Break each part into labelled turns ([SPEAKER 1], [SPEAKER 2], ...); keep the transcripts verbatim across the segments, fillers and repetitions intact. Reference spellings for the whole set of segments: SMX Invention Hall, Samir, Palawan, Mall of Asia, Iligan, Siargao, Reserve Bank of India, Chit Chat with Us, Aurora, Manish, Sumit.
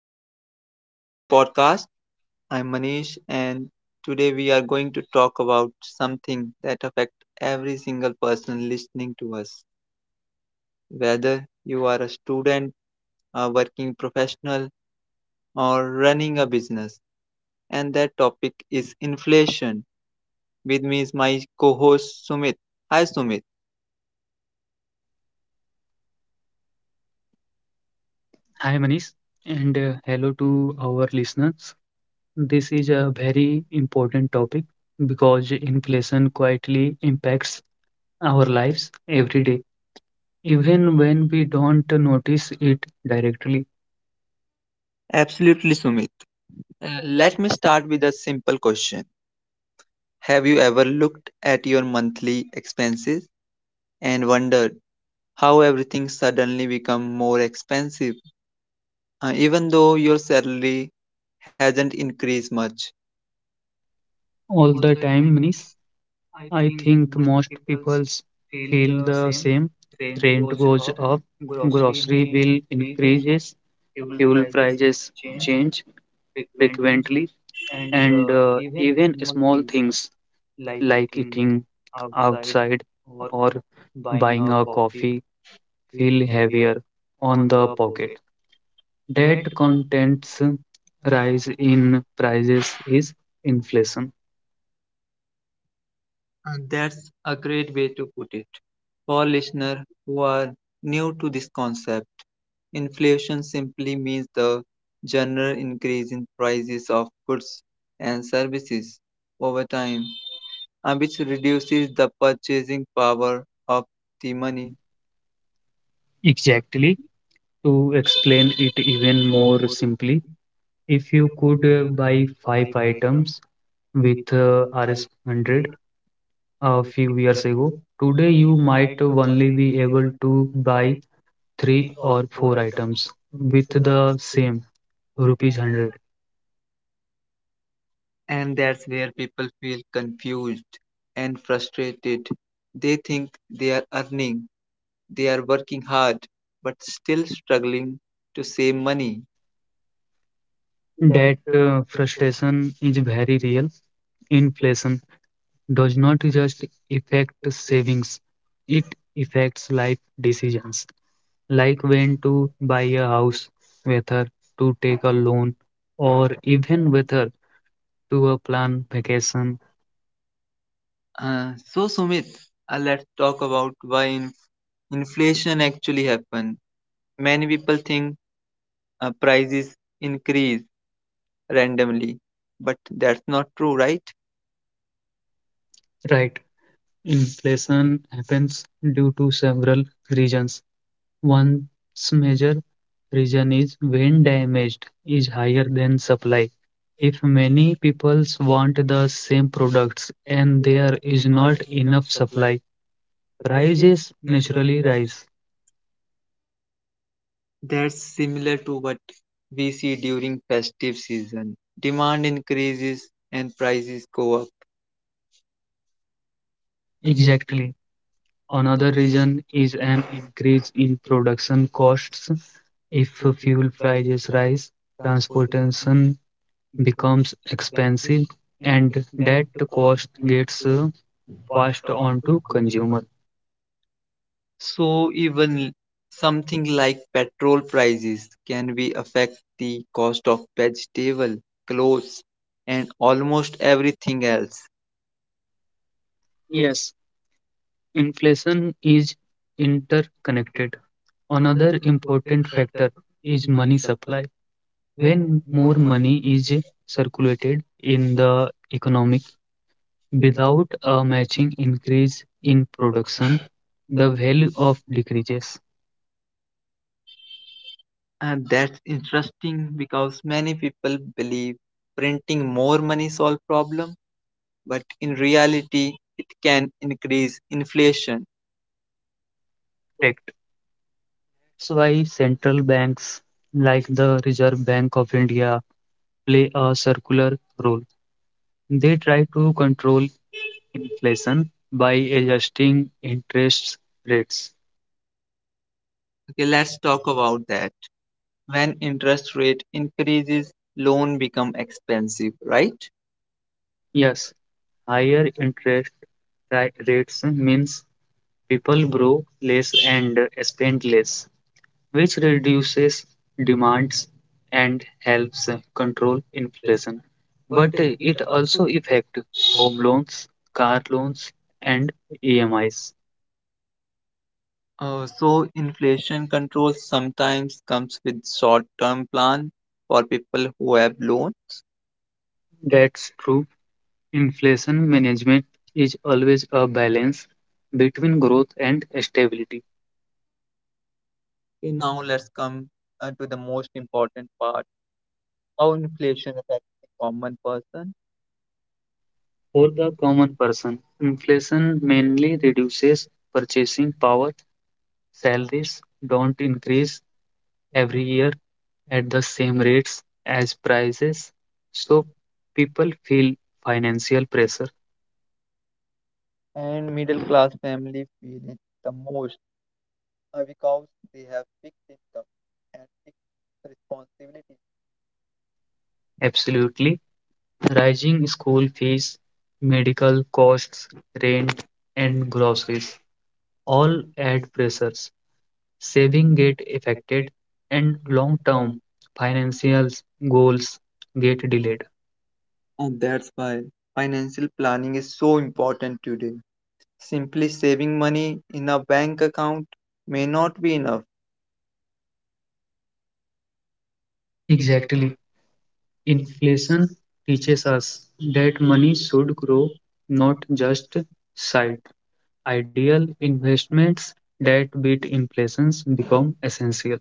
[SPEAKER 1] and welcome back to our podcast. I'm Manish, and today we are going to talk about something that affects every single person listening to us. Whether you are a student, a working professional, or running a business, and that topic is inflation. With me is my co host Sumit. Hi, Sumit.
[SPEAKER 2] Hi Manish, and uh, hello to our listeners. This is a
[SPEAKER 1] Very
[SPEAKER 2] very important
[SPEAKER 1] important topic
[SPEAKER 2] topic
[SPEAKER 1] because
[SPEAKER 2] because
[SPEAKER 1] inflation
[SPEAKER 2] inflation
[SPEAKER 1] quietly
[SPEAKER 2] quietly
[SPEAKER 1] impacts
[SPEAKER 2] impacts
[SPEAKER 1] our
[SPEAKER 2] our
[SPEAKER 1] lives
[SPEAKER 2] lives
[SPEAKER 1] every day,
[SPEAKER 2] every day,
[SPEAKER 1] even
[SPEAKER 2] even
[SPEAKER 1] when we
[SPEAKER 2] when we
[SPEAKER 1] don't
[SPEAKER 2] don't notice it
[SPEAKER 1] directly.
[SPEAKER 2] directly
[SPEAKER 1] Absolutely, Sumit. Uh, Let me start with a simple question. Have you ever looked at your monthly expenses and wondered how everything suddenly become more expensive, uh, even though your salary hasn't increased much?
[SPEAKER 2] all the time. Manish, I think most people feel the same. Rent goes up, grocery bill increases, fuel prices change frequently,
[SPEAKER 1] And
[SPEAKER 2] and
[SPEAKER 1] uh,
[SPEAKER 2] uh,
[SPEAKER 1] even
[SPEAKER 2] even
[SPEAKER 1] small
[SPEAKER 2] small
[SPEAKER 1] things
[SPEAKER 2] things
[SPEAKER 1] like
[SPEAKER 2] like
[SPEAKER 1] eating
[SPEAKER 2] eating
[SPEAKER 1] outside
[SPEAKER 2] outside
[SPEAKER 1] or
[SPEAKER 2] or
[SPEAKER 1] buying a
[SPEAKER 2] buying a
[SPEAKER 1] coffee
[SPEAKER 2] coffee
[SPEAKER 1] feel
[SPEAKER 2] feel
[SPEAKER 1] heavier
[SPEAKER 2] heavier
[SPEAKER 1] on the
[SPEAKER 2] on the
[SPEAKER 1] pocket.
[SPEAKER 2] pocket.
[SPEAKER 1] That
[SPEAKER 2] Debt
[SPEAKER 1] content's
[SPEAKER 2] contents
[SPEAKER 1] rise
[SPEAKER 2] rise
[SPEAKER 1] in
[SPEAKER 2] in
[SPEAKER 1] prices
[SPEAKER 2] prices
[SPEAKER 1] is
[SPEAKER 2] is
[SPEAKER 1] inflation.
[SPEAKER 2] inflation.
[SPEAKER 1] And that's a great way to put it. For listeners who are new to this concept, inflation simply means the general increase in prices of goods and services over time, and which reduces the purchasing power of
[SPEAKER 2] The
[SPEAKER 1] the
[SPEAKER 2] money.
[SPEAKER 1] money.
[SPEAKER 2] Exactly. To explain it even more simply, if you could uh, buy five items with uh, rupees one hundred a few years ago, today you might only be able to buy three or four items with the same rupees one hundred.
[SPEAKER 1] And that's where people feel confused and frustrated. They think they are earning. They are working hard but still struggling to save money.
[SPEAKER 2] That uh, frustration is very real. Inflation does not just affect savings, it affects life
[SPEAKER 1] Life
[SPEAKER 2] decisions, like when to buy
[SPEAKER 1] by
[SPEAKER 2] a
[SPEAKER 1] a
[SPEAKER 2] house, whether to take a
[SPEAKER 1] take a
[SPEAKER 2] loan, or
[SPEAKER 1] or
[SPEAKER 2] even whether
[SPEAKER 1] whether.
[SPEAKER 2] to a plan vacation.
[SPEAKER 1] Uh, so Sumit, uh, let's talk about why inf- inflation actually happen. Many people think uh, prices increase randomly, but that's not true, right?
[SPEAKER 2] Right. Inflation happens due to several reasons. One's major reason is when damaged is higher than supply. If many people want the same products and there is not enough supply,
[SPEAKER 1] High
[SPEAKER 2] prices naturally
[SPEAKER 1] naturally, rise.
[SPEAKER 2] rise.
[SPEAKER 1] That's similar to what we see during festive season. Demand increases and prices go up. On
[SPEAKER 2] Exactly.
[SPEAKER 1] on
[SPEAKER 2] Another reason
[SPEAKER 1] and
[SPEAKER 2] is an
[SPEAKER 1] and
[SPEAKER 2] increase in production
[SPEAKER 1] cost,
[SPEAKER 2] costs. If
[SPEAKER 1] if
[SPEAKER 2] fuel
[SPEAKER 1] prices
[SPEAKER 2] prices
[SPEAKER 1] rise,
[SPEAKER 2] rise,
[SPEAKER 1] trans
[SPEAKER 2] transportation
[SPEAKER 1] becomes
[SPEAKER 2] becomes expensive
[SPEAKER 1] expensive, and
[SPEAKER 2] and
[SPEAKER 1] that
[SPEAKER 2] that
[SPEAKER 1] cost
[SPEAKER 2] cost
[SPEAKER 1] gets
[SPEAKER 2] gets
[SPEAKER 1] uh,
[SPEAKER 2] uh,
[SPEAKER 1] passed
[SPEAKER 2] passed on
[SPEAKER 1] on to
[SPEAKER 2] to
[SPEAKER 1] consumers.
[SPEAKER 2] consumer.
[SPEAKER 1] So even something like petrol prices can be affect the cost of vegetable, clothes, and almost everything else.
[SPEAKER 2] Yes, inflation is interconnected. Another important factor is money supply. When more money is circulated in the economy without a matching increase in production, the value of decreases.
[SPEAKER 1] And that's interesting because many people believe printing more money solve problem, but in reality, it can increase inflation.
[SPEAKER 2] Correct. That's why central banks like the Reserve Bank of India play a circular role. They try to control inflation by adjusting interest rates.
[SPEAKER 1] Okay, let's talk about that. When interest rate increases, loan become expensive, right?
[SPEAKER 2] Yes, higher interest ri- rates means people grow less and spend less, which reduces demands and helps control inflation. But it also affects home loans, car loans, and
[SPEAKER 1] E M I.
[SPEAKER 2] E M Is.
[SPEAKER 1] Uh, so inflation control sometimes comes with short-term plan for people who have loan. That's
[SPEAKER 2] That's
[SPEAKER 1] true.
[SPEAKER 2] true.
[SPEAKER 1] Inflation
[SPEAKER 2] Inflation
[SPEAKER 1] management
[SPEAKER 2] management is
[SPEAKER 1] always
[SPEAKER 2] always a balance
[SPEAKER 1] beats
[SPEAKER 2] between
[SPEAKER 1] growth.
[SPEAKER 2] growth and stability.
[SPEAKER 1] Okay, now let's come uh, to the most important part how inflation affects the common person. For
[SPEAKER 2] For
[SPEAKER 1] the
[SPEAKER 2] the common
[SPEAKER 1] common person,
[SPEAKER 2] person, inflation mainly reduces purchasing power. Salaries don't increase
[SPEAKER 1] affects
[SPEAKER 2] every
[SPEAKER 1] the
[SPEAKER 2] year at the same
[SPEAKER 1] same rate
[SPEAKER 2] rates
[SPEAKER 1] as
[SPEAKER 2] as prices,
[SPEAKER 1] so
[SPEAKER 2] so
[SPEAKER 1] we
[SPEAKER 2] people feel financial pressure.
[SPEAKER 1] find- and middle class family feel it the most uh, because they have fixed income and fixed responsibility
[SPEAKER 2] Absolutely.
[SPEAKER 1] that
[SPEAKER 2] Rising school fees, medical costs,
[SPEAKER 1] they
[SPEAKER 2] rent,
[SPEAKER 1] and
[SPEAKER 2] and groceries
[SPEAKER 1] all
[SPEAKER 2] all add pressures. Saving get affected, and long term
[SPEAKER 1] kind
[SPEAKER 2] financial
[SPEAKER 1] goals.
[SPEAKER 2] goals get delayed.
[SPEAKER 1] And that's why financial planning is so important today. Simply saving money in a bank account may not be enough.
[SPEAKER 2] Exactly. Inflation teaches us that money should grow, not just sight. Ideal investments that beat inflations become essential.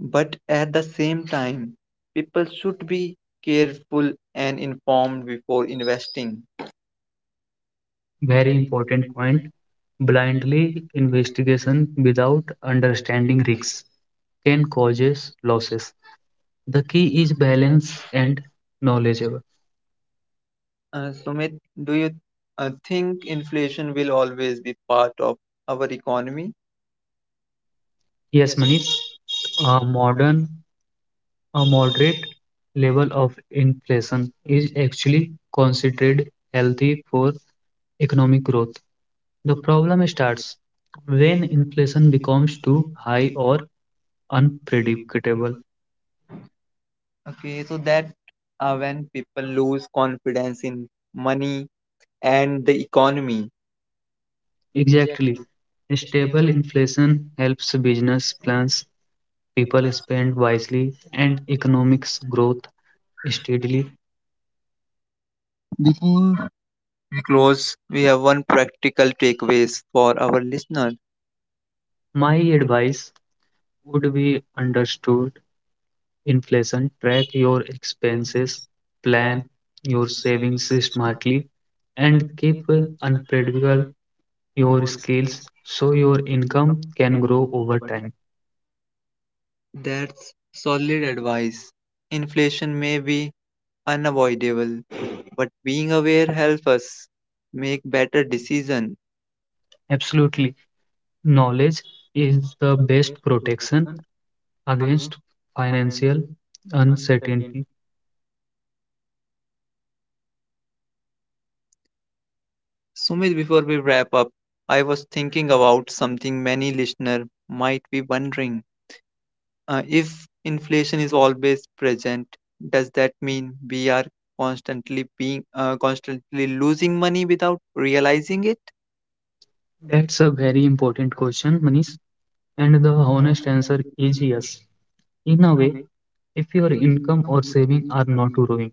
[SPEAKER 1] But at the same time, people should be careful and informed before investing.
[SPEAKER 2] Very important point. Blindly investigation without understanding risks can causes losses. The key is balance and knowledgeable.
[SPEAKER 1] Uh, Sumit, do you uh, think inflation will always be part of our economy?
[SPEAKER 2] Yes, Manish. Uh, modern A moderate level of inflation is actually considered healthy for economic growth. The problem starts when inflation becomes too high or unpredictable.
[SPEAKER 1] Okay, so that uh, when people lose confidence in money and the economy.
[SPEAKER 2] Exactly. Stable inflation helps business plans, people spend wisely, and economics growth steadily.
[SPEAKER 1] Before we close, we have one practical takeaways for our listeners.
[SPEAKER 2] My advice would be understood inflation, track your expenses,
[SPEAKER 1] Plan
[SPEAKER 2] plan your savings
[SPEAKER 1] things smartly
[SPEAKER 2] smartly, and
[SPEAKER 1] and
[SPEAKER 2] keep
[SPEAKER 1] keep an
[SPEAKER 2] unpredictable
[SPEAKER 1] annual
[SPEAKER 2] your skills
[SPEAKER 1] scales
[SPEAKER 2] so
[SPEAKER 1] so
[SPEAKER 2] your
[SPEAKER 1] your
[SPEAKER 2] income
[SPEAKER 1] income.
[SPEAKER 2] can grow over time.
[SPEAKER 1] That's solid advice. Inflation may be unavoidable, but being aware helps us make better decisions.
[SPEAKER 2] Absolutely. Knowledge is the best protection against financial uncertainty.
[SPEAKER 1] Sumit, before we wrap up, I was thinking about something many listeners might be wondering. Uh, if inflation is always present, does that mean we are constantly being uh, constantly losing money without realizing it?
[SPEAKER 2] That's a very important question, Manish. And the honest answer is yes. In a way, if your income or saving are not growing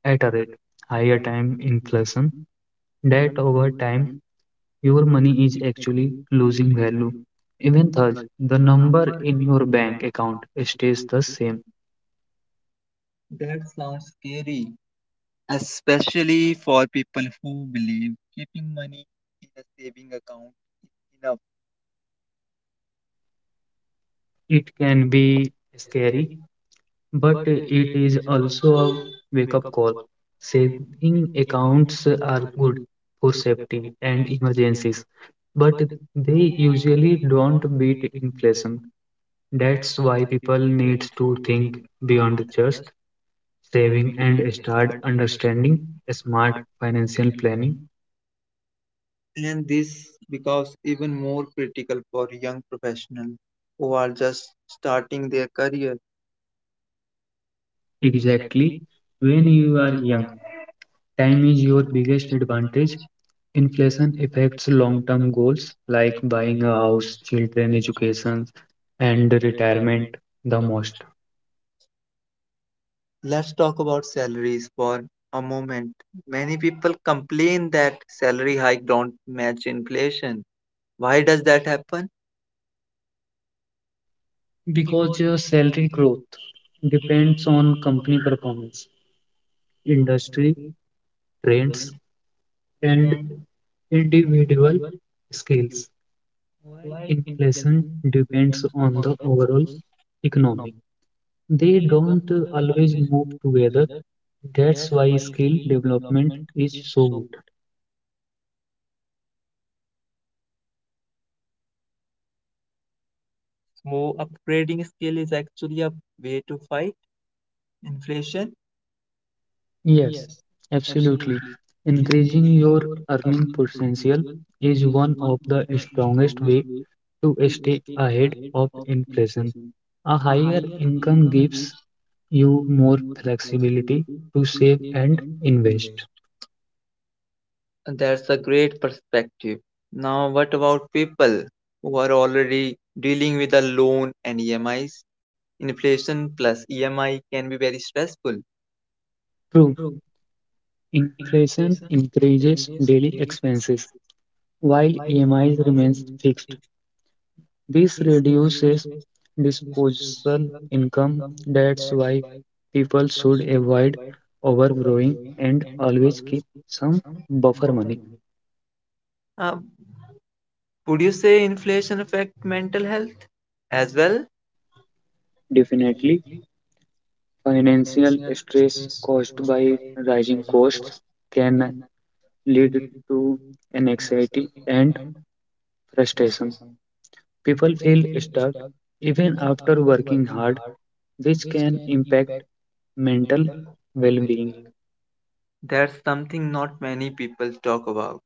[SPEAKER 2] at a rate higher time inflation that over time your money is actually losing value. Even though the number in your
[SPEAKER 1] Your
[SPEAKER 2] bank
[SPEAKER 1] bank
[SPEAKER 2] account
[SPEAKER 1] account
[SPEAKER 2] stays
[SPEAKER 1] stays
[SPEAKER 2] the
[SPEAKER 1] the
[SPEAKER 2] same,
[SPEAKER 1] same. That sounds scary, especially for people who believe keeping money in a saving account is enough.
[SPEAKER 2] it can be scary,
[SPEAKER 1] Scary?
[SPEAKER 2] but it is also a wake up call. Saving accounts are good for safety and emergencies, but they usually don't beat inflation. That's why people needs to think beyond just saving and start understanding smart financial planning.
[SPEAKER 1] And this becomes even more critical for young professionals who are just starting their career.
[SPEAKER 2] Exactly. When you are young, time is your biggest advantage. Inflation affects long-term goals like buying a house, children education, and retirement the most.
[SPEAKER 1] Let's talk about salaries for a moment. Many people complain that salary hike don't match inflation. Why does that happen?
[SPEAKER 2] Because your salary growth depends on company performance, industry trends, and individual skills. While inflation depends on the overall economy, they don't always move together. That's why skill development is so good.
[SPEAKER 1] So upgrading skill is actually a way to fight inflation?
[SPEAKER 2] Yes, absolutely. Increasing your earning potential is one of the strongest way to stay ahead of inflation. A higher income gives you more flexibility to save and invest.
[SPEAKER 1] That's a great perspective. Now, what about people who are already dealing with a loan and E M Is? Inflation plus E M I can be very stressful.
[SPEAKER 2] True, inflation increases daily expenses while E M Is remains fixed. This reduces disposable income. That's why people should avoid overborrowing and always keep some buffer money.
[SPEAKER 1] Uh, would you say inflation affect mental health as well?
[SPEAKER 2] Definitely, financial stress caused by rising costs can lead to anxiety and frustration. People feel stuck even after working hard, which can impact mental well-being.
[SPEAKER 1] That's something not many people talk about.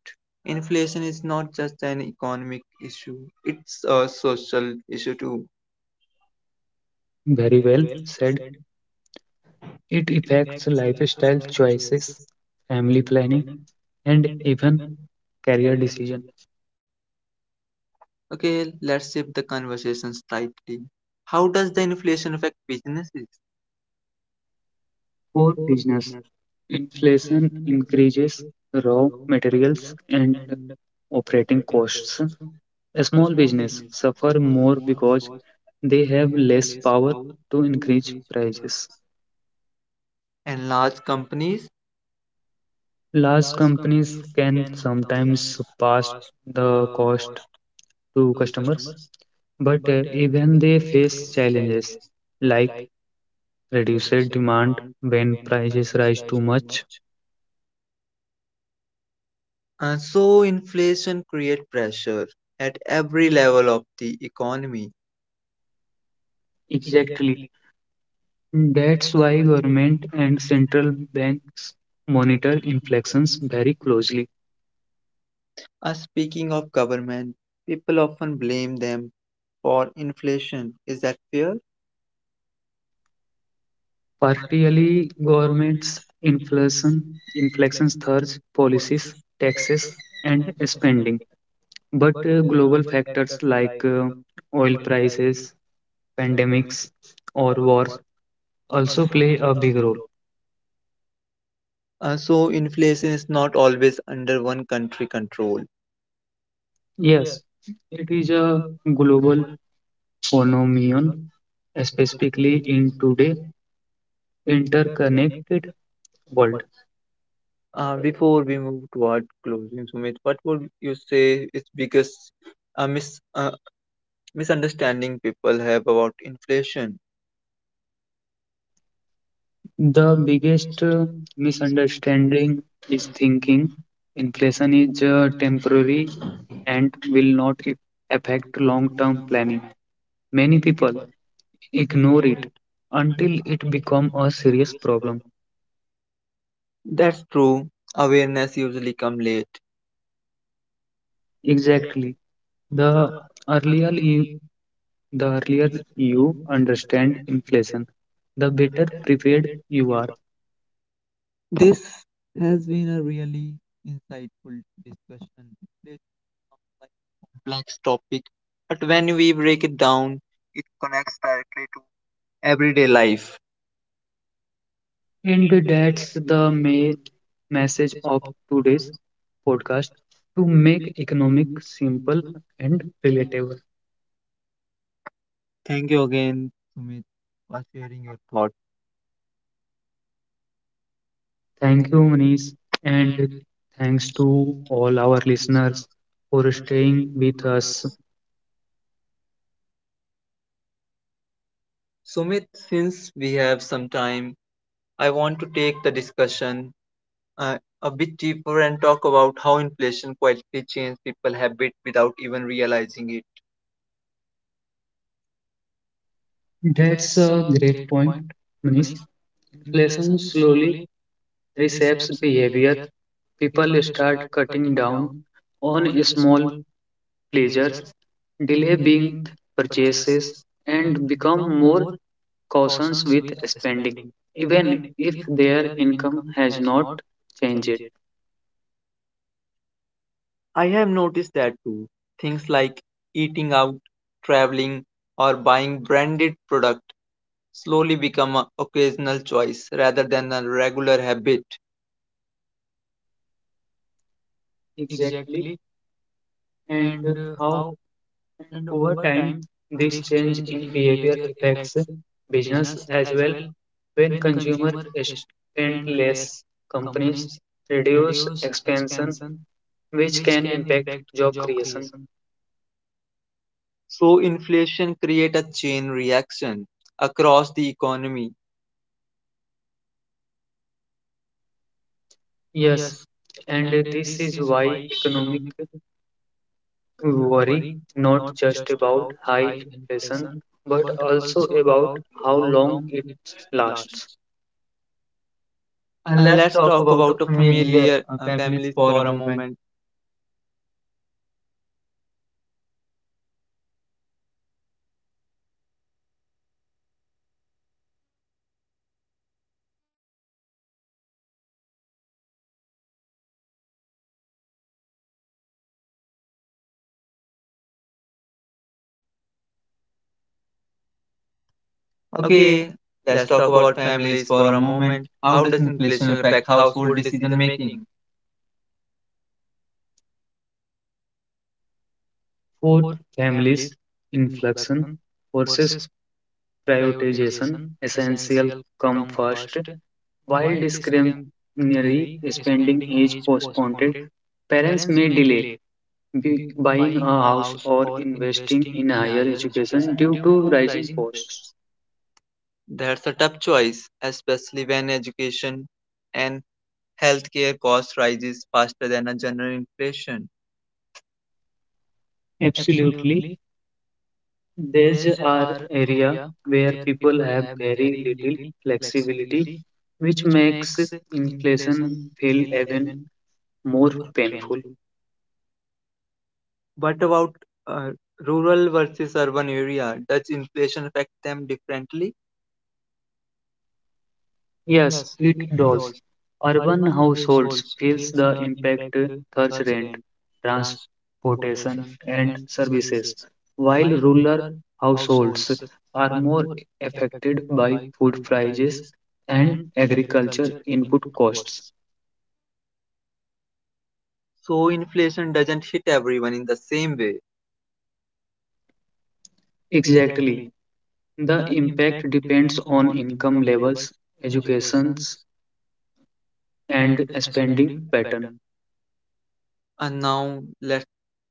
[SPEAKER 1] Inflation is not just an economic issue, it's a social issue too.
[SPEAKER 2] Very well said. It affects lifestyle choices, family planning, and even career decision.
[SPEAKER 1] Okay, let's shift the conversation slightly. How does the inflation affect businesses?
[SPEAKER 2] For business, inflation increases raw materials and operating costs. A small business suffer more because they have less power to increase prices.
[SPEAKER 1] And large companies.
[SPEAKER 2] Large companies can sometimes pass the cost to customers, but uh, even they face challenges like reduced demand when prices rise too much.
[SPEAKER 1] And so inflation creates pressure at every level of the economy.
[SPEAKER 2] Exactly. That's why government and central banks monitor inflations very closely.
[SPEAKER 1] Uh, speaking of government, people often blame them for inflation. Is that fair?
[SPEAKER 2] Partially, governments inflation inflation surge policies, taxes, and spending. But uh, global factors like uh, oil prices, pandemics, or wars also play a big role.
[SPEAKER 1] Uh, so inflation is not always under one country control.
[SPEAKER 2] Yes, it is a global phenomenon specifically in today's interconnected world.
[SPEAKER 1] Uh, before we move toward closing, Sumit, what would you say is biggest uh, mis- uh, misunderstanding people have about inflation?
[SPEAKER 2] The biggest uh, misunderstanding is thinking inflation is uh, temporary and will not i- affect long-term planning. Many people ignore it until it becomes a serious problem.
[SPEAKER 1] That's true. Awareness usually come late.
[SPEAKER 2] Exactly. The earlier you, the earlier you understand inflation, the better prepared you are.
[SPEAKER 1] This has been a really insightful discussion. It sounds like a complex topic, but when we break it down, it connects directly to everyday life.
[SPEAKER 2] And that's the main message of today's podcast to make economic
[SPEAKER 1] Economic
[SPEAKER 2] simple
[SPEAKER 1] input.
[SPEAKER 2] and relatable.
[SPEAKER 1] Thank you again, Sumit, for sharing your thoughts.
[SPEAKER 2] Thank you, Manish, and thanks to all our listeners for staying with us.
[SPEAKER 1] Sumit, since we have some time, I want to take the discussion uh, a bit deeper and talk about how inflation quietly changes people's habit without even realizing it.
[SPEAKER 2] That's a great point, Manish. Inflation slowly reshapes behavior. People start cutting down on small pleasures, delay big purchases, and become more cautions with spending, even if their income has not changed.
[SPEAKER 1] I have noticed that too. Things like eating out, traveling, or buying branded product slowly become an occasional choice rather than a regular habit.
[SPEAKER 2] Exactly, and uh, how and over time this change in behavior affects business as well. When consumer spend less, companies reduce expansion, which can impact job creation.
[SPEAKER 1] So inflation creates a chain reaction across the economy.
[SPEAKER 2] Yes, and this is why economic worry not just about high inflation but also about how long it lasts. And
[SPEAKER 1] And
[SPEAKER 2] let's
[SPEAKER 1] let's
[SPEAKER 2] talk
[SPEAKER 1] talk
[SPEAKER 2] about a
[SPEAKER 1] about a
[SPEAKER 2] familiar
[SPEAKER 1] familiar
[SPEAKER 2] uh,
[SPEAKER 1] uh,
[SPEAKER 2] families
[SPEAKER 1] families
[SPEAKER 2] for a
[SPEAKER 1] for a
[SPEAKER 2] moment.
[SPEAKER 1] moment.
[SPEAKER 2] Okay,
[SPEAKER 1] Okay,
[SPEAKER 2] let's
[SPEAKER 1] let's
[SPEAKER 2] talk
[SPEAKER 1] talk
[SPEAKER 2] about
[SPEAKER 1] about
[SPEAKER 2] families
[SPEAKER 1] families
[SPEAKER 2] for
[SPEAKER 1] for
[SPEAKER 2] a
[SPEAKER 1] a
[SPEAKER 2] moment.
[SPEAKER 1] moment.
[SPEAKER 2] How
[SPEAKER 1] How
[SPEAKER 2] does
[SPEAKER 1] does
[SPEAKER 2] inflation
[SPEAKER 1] inflation
[SPEAKER 2] affect
[SPEAKER 1] affect
[SPEAKER 2] household
[SPEAKER 1] household
[SPEAKER 2] decision
[SPEAKER 1] decision
[SPEAKER 2] making?
[SPEAKER 1] making?
[SPEAKER 2] For families, inflation versus prioritization, essential come first, while discretionary spending is postponed, parents may delay be buying a house or investing in higher education due to rising costs.
[SPEAKER 1] That's a tough choice, especially when education and healthcare cost rises faster than a general inflation.
[SPEAKER 2] Absolutely. These are areas where people have very little flexibility, which makes inflation feel even more painful.
[SPEAKER 1] What about uh, rural versus urban area? Does inflation affect them differently?
[SPEAKER 2] Yes, it does. Urban households feels the impact third rent, transportation and services, while rural households are more affected by food prices and agriculture input costs.
[SPEAKER 1] So inflation doesn't hit everyone in the same way.
[SPEAKER 2] Exactly. The impact depends on income levels, educations and spending patterns.
[SPEAKER 1] And now let's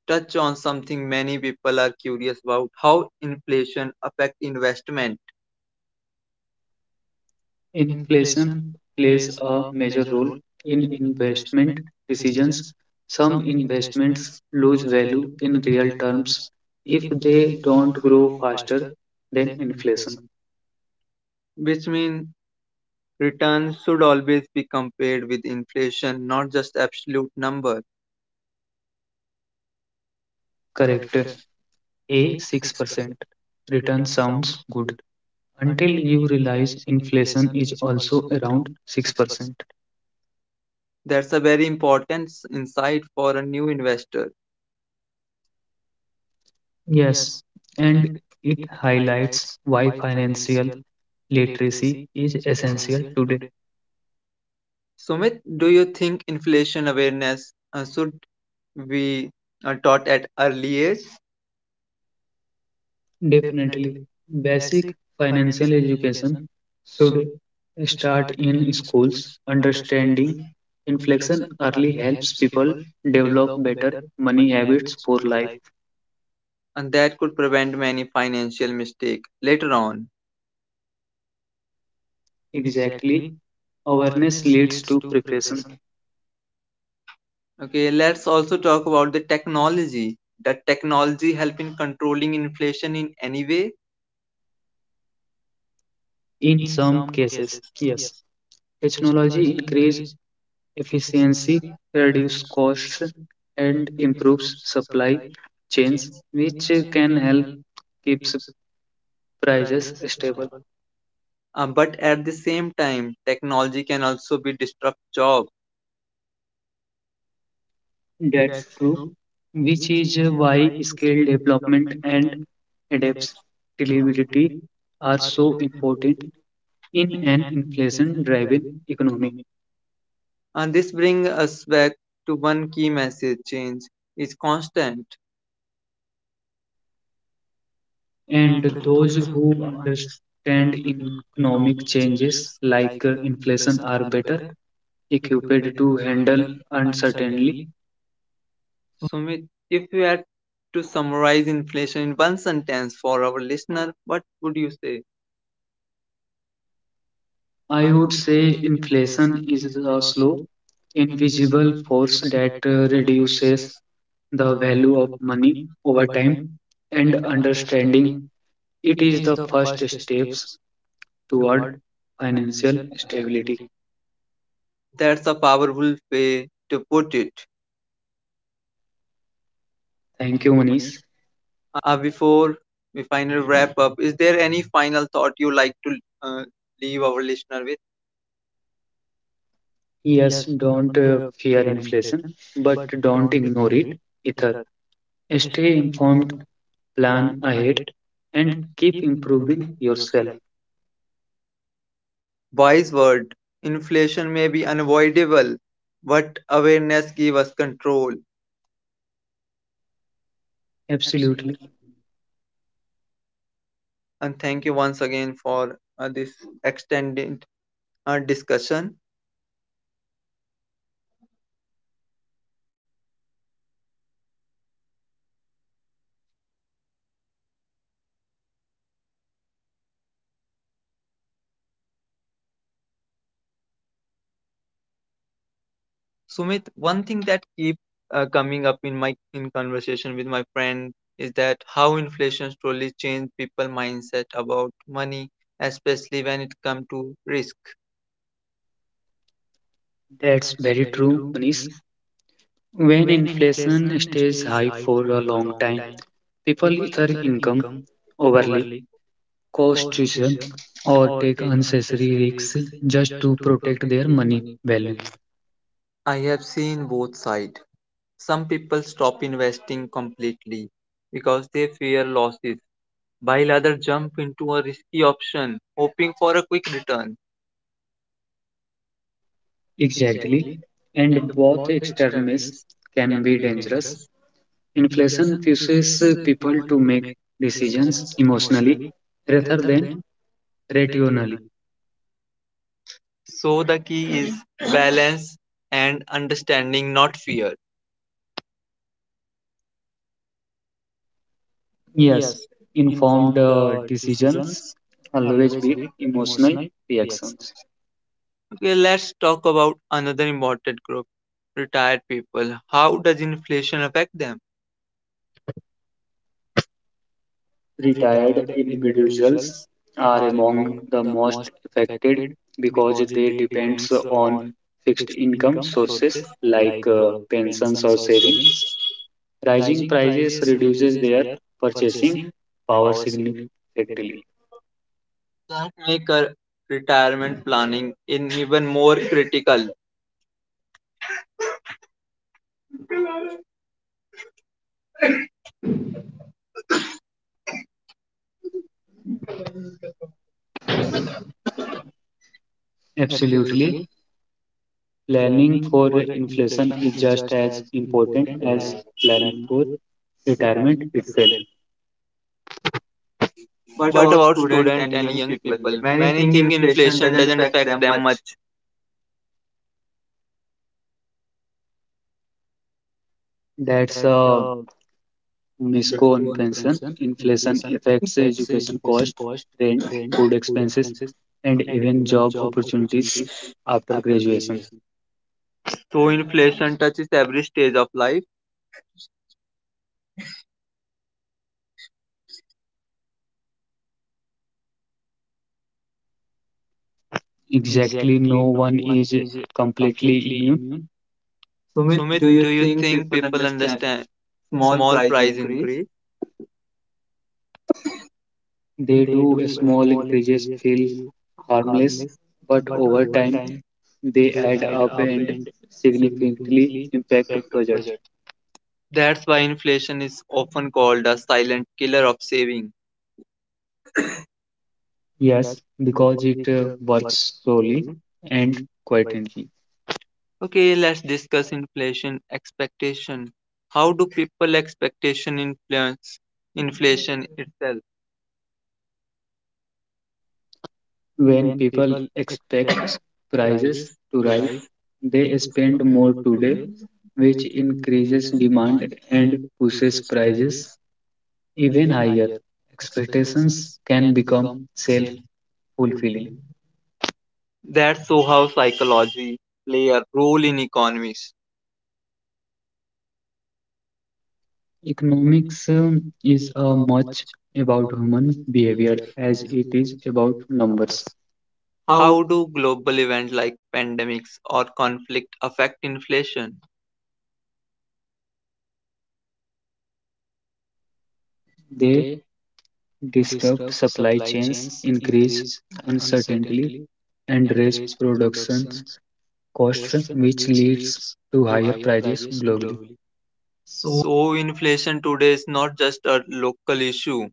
[SPEAKER 1] touch on something many people are curious about how inflation affect investment,
[SPEAKER 2] Inflation plays a major role in investment decisions. Some investments lose value in real terms if they don't grow faster than inflation.
[SPEAKER 1] which means returns should always be compared with inflation not just absolute number.
[SPEAKER 2] Correct. A six percent return sounds good until you realize inflation is also around six percent.
[SPEAKER 1] That's a very important insight for a new investor.
[SPEAKER 2] Yes, and it highlights why financial literacy is essential today.
[SPEAKER 1] Sumit, do you think inflation awareness uh, should be uh, taught at early age
[SPEAKER 2] Definitely. Basic financial education should start in schools. Understanding inflation early helps people develop better money habits for life.
[SPEAKER 1] and that could prevent many financial mistake later on?
[SPEAKER 2] Exactly. Awareness leads to preparation.
[SPEAKER 1] Okay, let's also talk about the technology. Does technology help in controlling inflation in any way?
[SPEAKER 2] In some cases, yes, technology increase efficiency, reduce costs, and improves supply chains, which can help keeps prices stable.
[SPEAKER 1] Uh, but at the same time, technology can also be disrupt job.
[SPEAKER 2] That's true, which is why skill development and adaptability are so important in an inflation driven economy.
[SPEAKER 1] And this brings us back to one key message: change is constant.
[SPEAKER 2] And those who understand economic changes like uh, inflation are better equipped to handle uncertainty.
[SPEAKER 1] Sumit, if you had to summarize inflation in one sentence for our listener, what would you say?
[SPEAKER 2] I would say inflation is a slow, invisible force that uh, reduces the value of money over time, and understanding it is the first steps toward financial stability.
[SPEAKER 1] That's a powerful way to put it.
[SPEAKER 2] Thank you, Manish.
[SPEAKER 1] Uh, before we final wrap up, is there any final thought you like to uh, leave our listener with?
[SPEAKER 2] Yes, don't uh, fear inflation, but don't ignore it either. Stay informed, plan ahead, and keep improving yourself.
[SPEAKER 1] Wise word. Inflation may be unavoidable, but awareness give us control.
[SPEAKER 2] Absolutely.
[SPEAKER 1] And thank you once again for uh, this extended uh, discussion. Sumit, one thing that keep uh, coming up in my in conversation with my friend is that how inflation slowly changed people mindset about money, especially when it comes to risk.
[SPEAKER 2] That's very true, Manish. When inflation stays high for a long time, people either income overly, cost tuition, or take unnecessary risks just to protect their money value.
[SPEAKER 1] I have seen both sides. Some people stop investing completely because they fear losses, while others jump into a risky option hoping for a quick return.
[SPEAKER 2] Exactly. And both extremes can be dangerous. Inflation pushes people to make decisions emotionally rather than rationally.
[SPEAKER 1] So the key is balance and understanding, not fear.
[SPEAKER 2] Yes, informed uh, decisions always beat emotional reactions.
[SPEAKER 1] Okay, let's talk about another important group, retired people. How does inflation affect them?
[SPEAKER 2] Retired individuals are among the most affected because they depends on fixed income sources like uh, pensions or savings. Rising prices reduces their purchasing power significantly.
[SPEAKER 1] That make our retirement planning in even more critical.
[SPEAKER 2] Absolutely. Planning for inflation is just as important as planning for retirement itself. What
[SPEAKER 1] But
[SPEAKER 2] about
[SPEAKER 1] about
[SPEAKER 2] students
[SPEAKER 1] students
[SPEAKER 2] and
[SPEAKER 1] and
[SPEAKER 2] young
[SPEAKER 1] young
[SPEAKER 2] people?
[SPEAKER 1] people?
[SPEAKER 2] Many
[SPEAKER 1] Many
[SPEAKER 2] think
[SPEAKER 1] think
[SPEAKER 2] inflation
[SPEAKER 1] inflation
[SPEAKER 2] doesn't
[SPEAKER 1] doesn't
[SPEAKER 2] affect
[SPEAKER 1] affect
[SPEAKER 2] them
[SPEAKER 1] them
[SPEAKER 2] much.
[SPEAKER 1] much.
[SPEAKER 2] That's a misconception. Inflation affects education cost, rent, food expenses, and even job opportunities after graduation.
[SPEAKER 1] So inflation touches every stage of life.
[SPEAKER 2] Exactly, no one is completely immune. Sumit,
[SPEAKER 1] Sumit,
[SPEAKER 2] do you
[SPEAKER 1] do you
[SPEAKER 2] think
[SPEAKER 1] think
[SPEAKER 2] people
[SPEAKER 1] people
[SPEAKER 2] understand
[SPEAKER 1] understand
[SPEAKER 2] small
[SPEAKER 1] small
[SPEAKER 2] price
[SPEAKER 1] price
[SPEAKER 2] increase?
[SPEAKER 1] increase?
[SPEAKER 2] They do small increases feel harmless, but over time they add up and significantly impact budget.
[SPEAKER 1] That's why inflation is often called a silent killer of saving.
[SPEAKER 2] Yes, because it uh, works slowly and quietly.
[SPEAKER 1] Okay, let's discuss inflation expectation. How do people expectation influence inflation itself?
[SPEAKER 2] When people expect prices to rise, they spend more today, which increases demand and pushes prices even higher. Expectations can become self fulfilling.
[SPEAKER 1] That's so how psychology play a role in economies.
[SPEAKER 2] Economics um, is uh, much about human behavior as it is about numbers. How
[SPEAKER 1] How do global events like pandemics or conflict affect inflation?
[SPEAKER 2] they disrupt supply chains, increase uncertainty, and raise production costs, which leads to higher prices globally. So,
[SPEAKER 1] So inflation today is not just a local issue.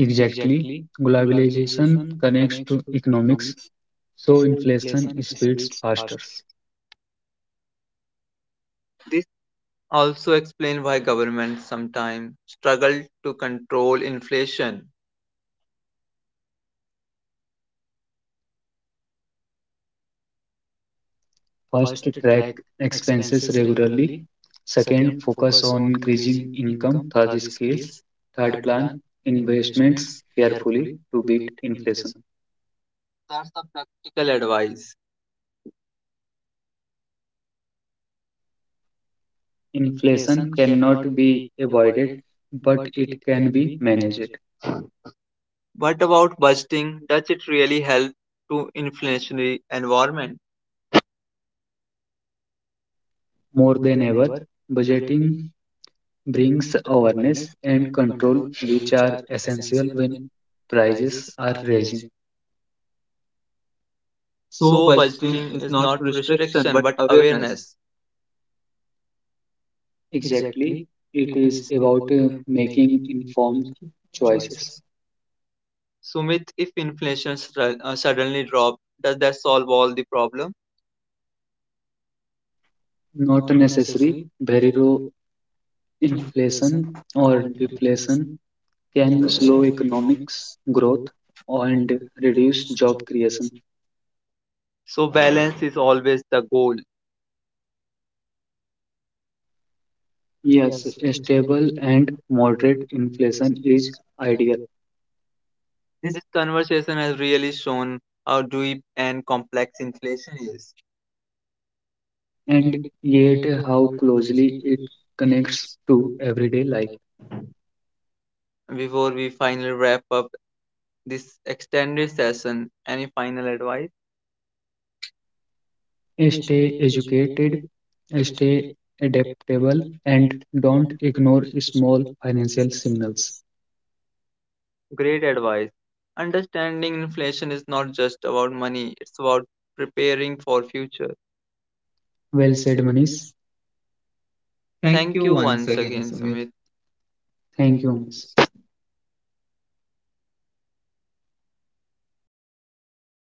[SPEAKER 2] exactly, globalization connects to economics, so inflation spreads faster.
[SPEAKER 1] This also explains why governments sometimes struggle to control inflation.
[SPEAKER 2] First, track expenses regularly. Second, focus on increasing income. Third, scales. Third, plan investments carefully to beat inflation.
[SPEAKER 1] That's the practical advice.
[SPEAKER 2] Inflation cannot be avoided, but it can be managed.
[SPEAKER 1] What about budgeting? Does it really help to inflationary environment?
[SPEAKER 2] More than ever, budgeting brings awareness and control, which are essential when prices are rising. So
[SPEAKER 1] So
[SPEAKER 2] budgeting
[SPEAKER 1] budgeting
[SPEAKER 2] is
[SPEAKER 1] is
[SPEAKER 2] not
[SPEAKER 1] not
[SPEAKER 2] restriction
[SPEAKER 1] restriction
[SPEAKER 2] but
[SPEAKER 1] but
[SPEAKER 2] awareness.
[SPEAKER 1] awareness.
[SPEAKER 2] Exactly. It is about uh, making informed choices.
[SPEAKER 1] Sumit, if inflation stra- uh, suddenly drops, does that solve all the problem?
[SPEAKER 2] Not necessary barrier inflation or deflation can slow economics growth and reduce job creation.
[SPEAKER 1] So balance is always the goal.
[SPEAKER 2] Yes, a stable and moderate inflation is ideal. Yes.
[SPEAKER 1] This conversation has really shown how deep and complex inflation is.
[SPEAKER 2] And yet how closely it connects to everyday life.
[SPEAKER 1] Before we finally wrap up this extended session, any final advice?
[SPEAKER 2] Stay educated. Stay adaptable and don't ignore small financial signals.
[SPEAKER 1] Great advice. Understanding inflation is not just about money, it's about preparing for future.
[SPEAKER 2] Well said, Manish. Thank
[SPEAKER 1] Thank
[SPEAKER 2] you
[SPEAKER 1] you
[SPEAKER 2] once
[SPEAKER 1] once
[SPEAKER 2] again,
[SPEAKER 1] again,
[SPEAKER 2] Samir.
[SPEAKER 1] Sumit.
[SPEAKER 2] Thank you, Manish.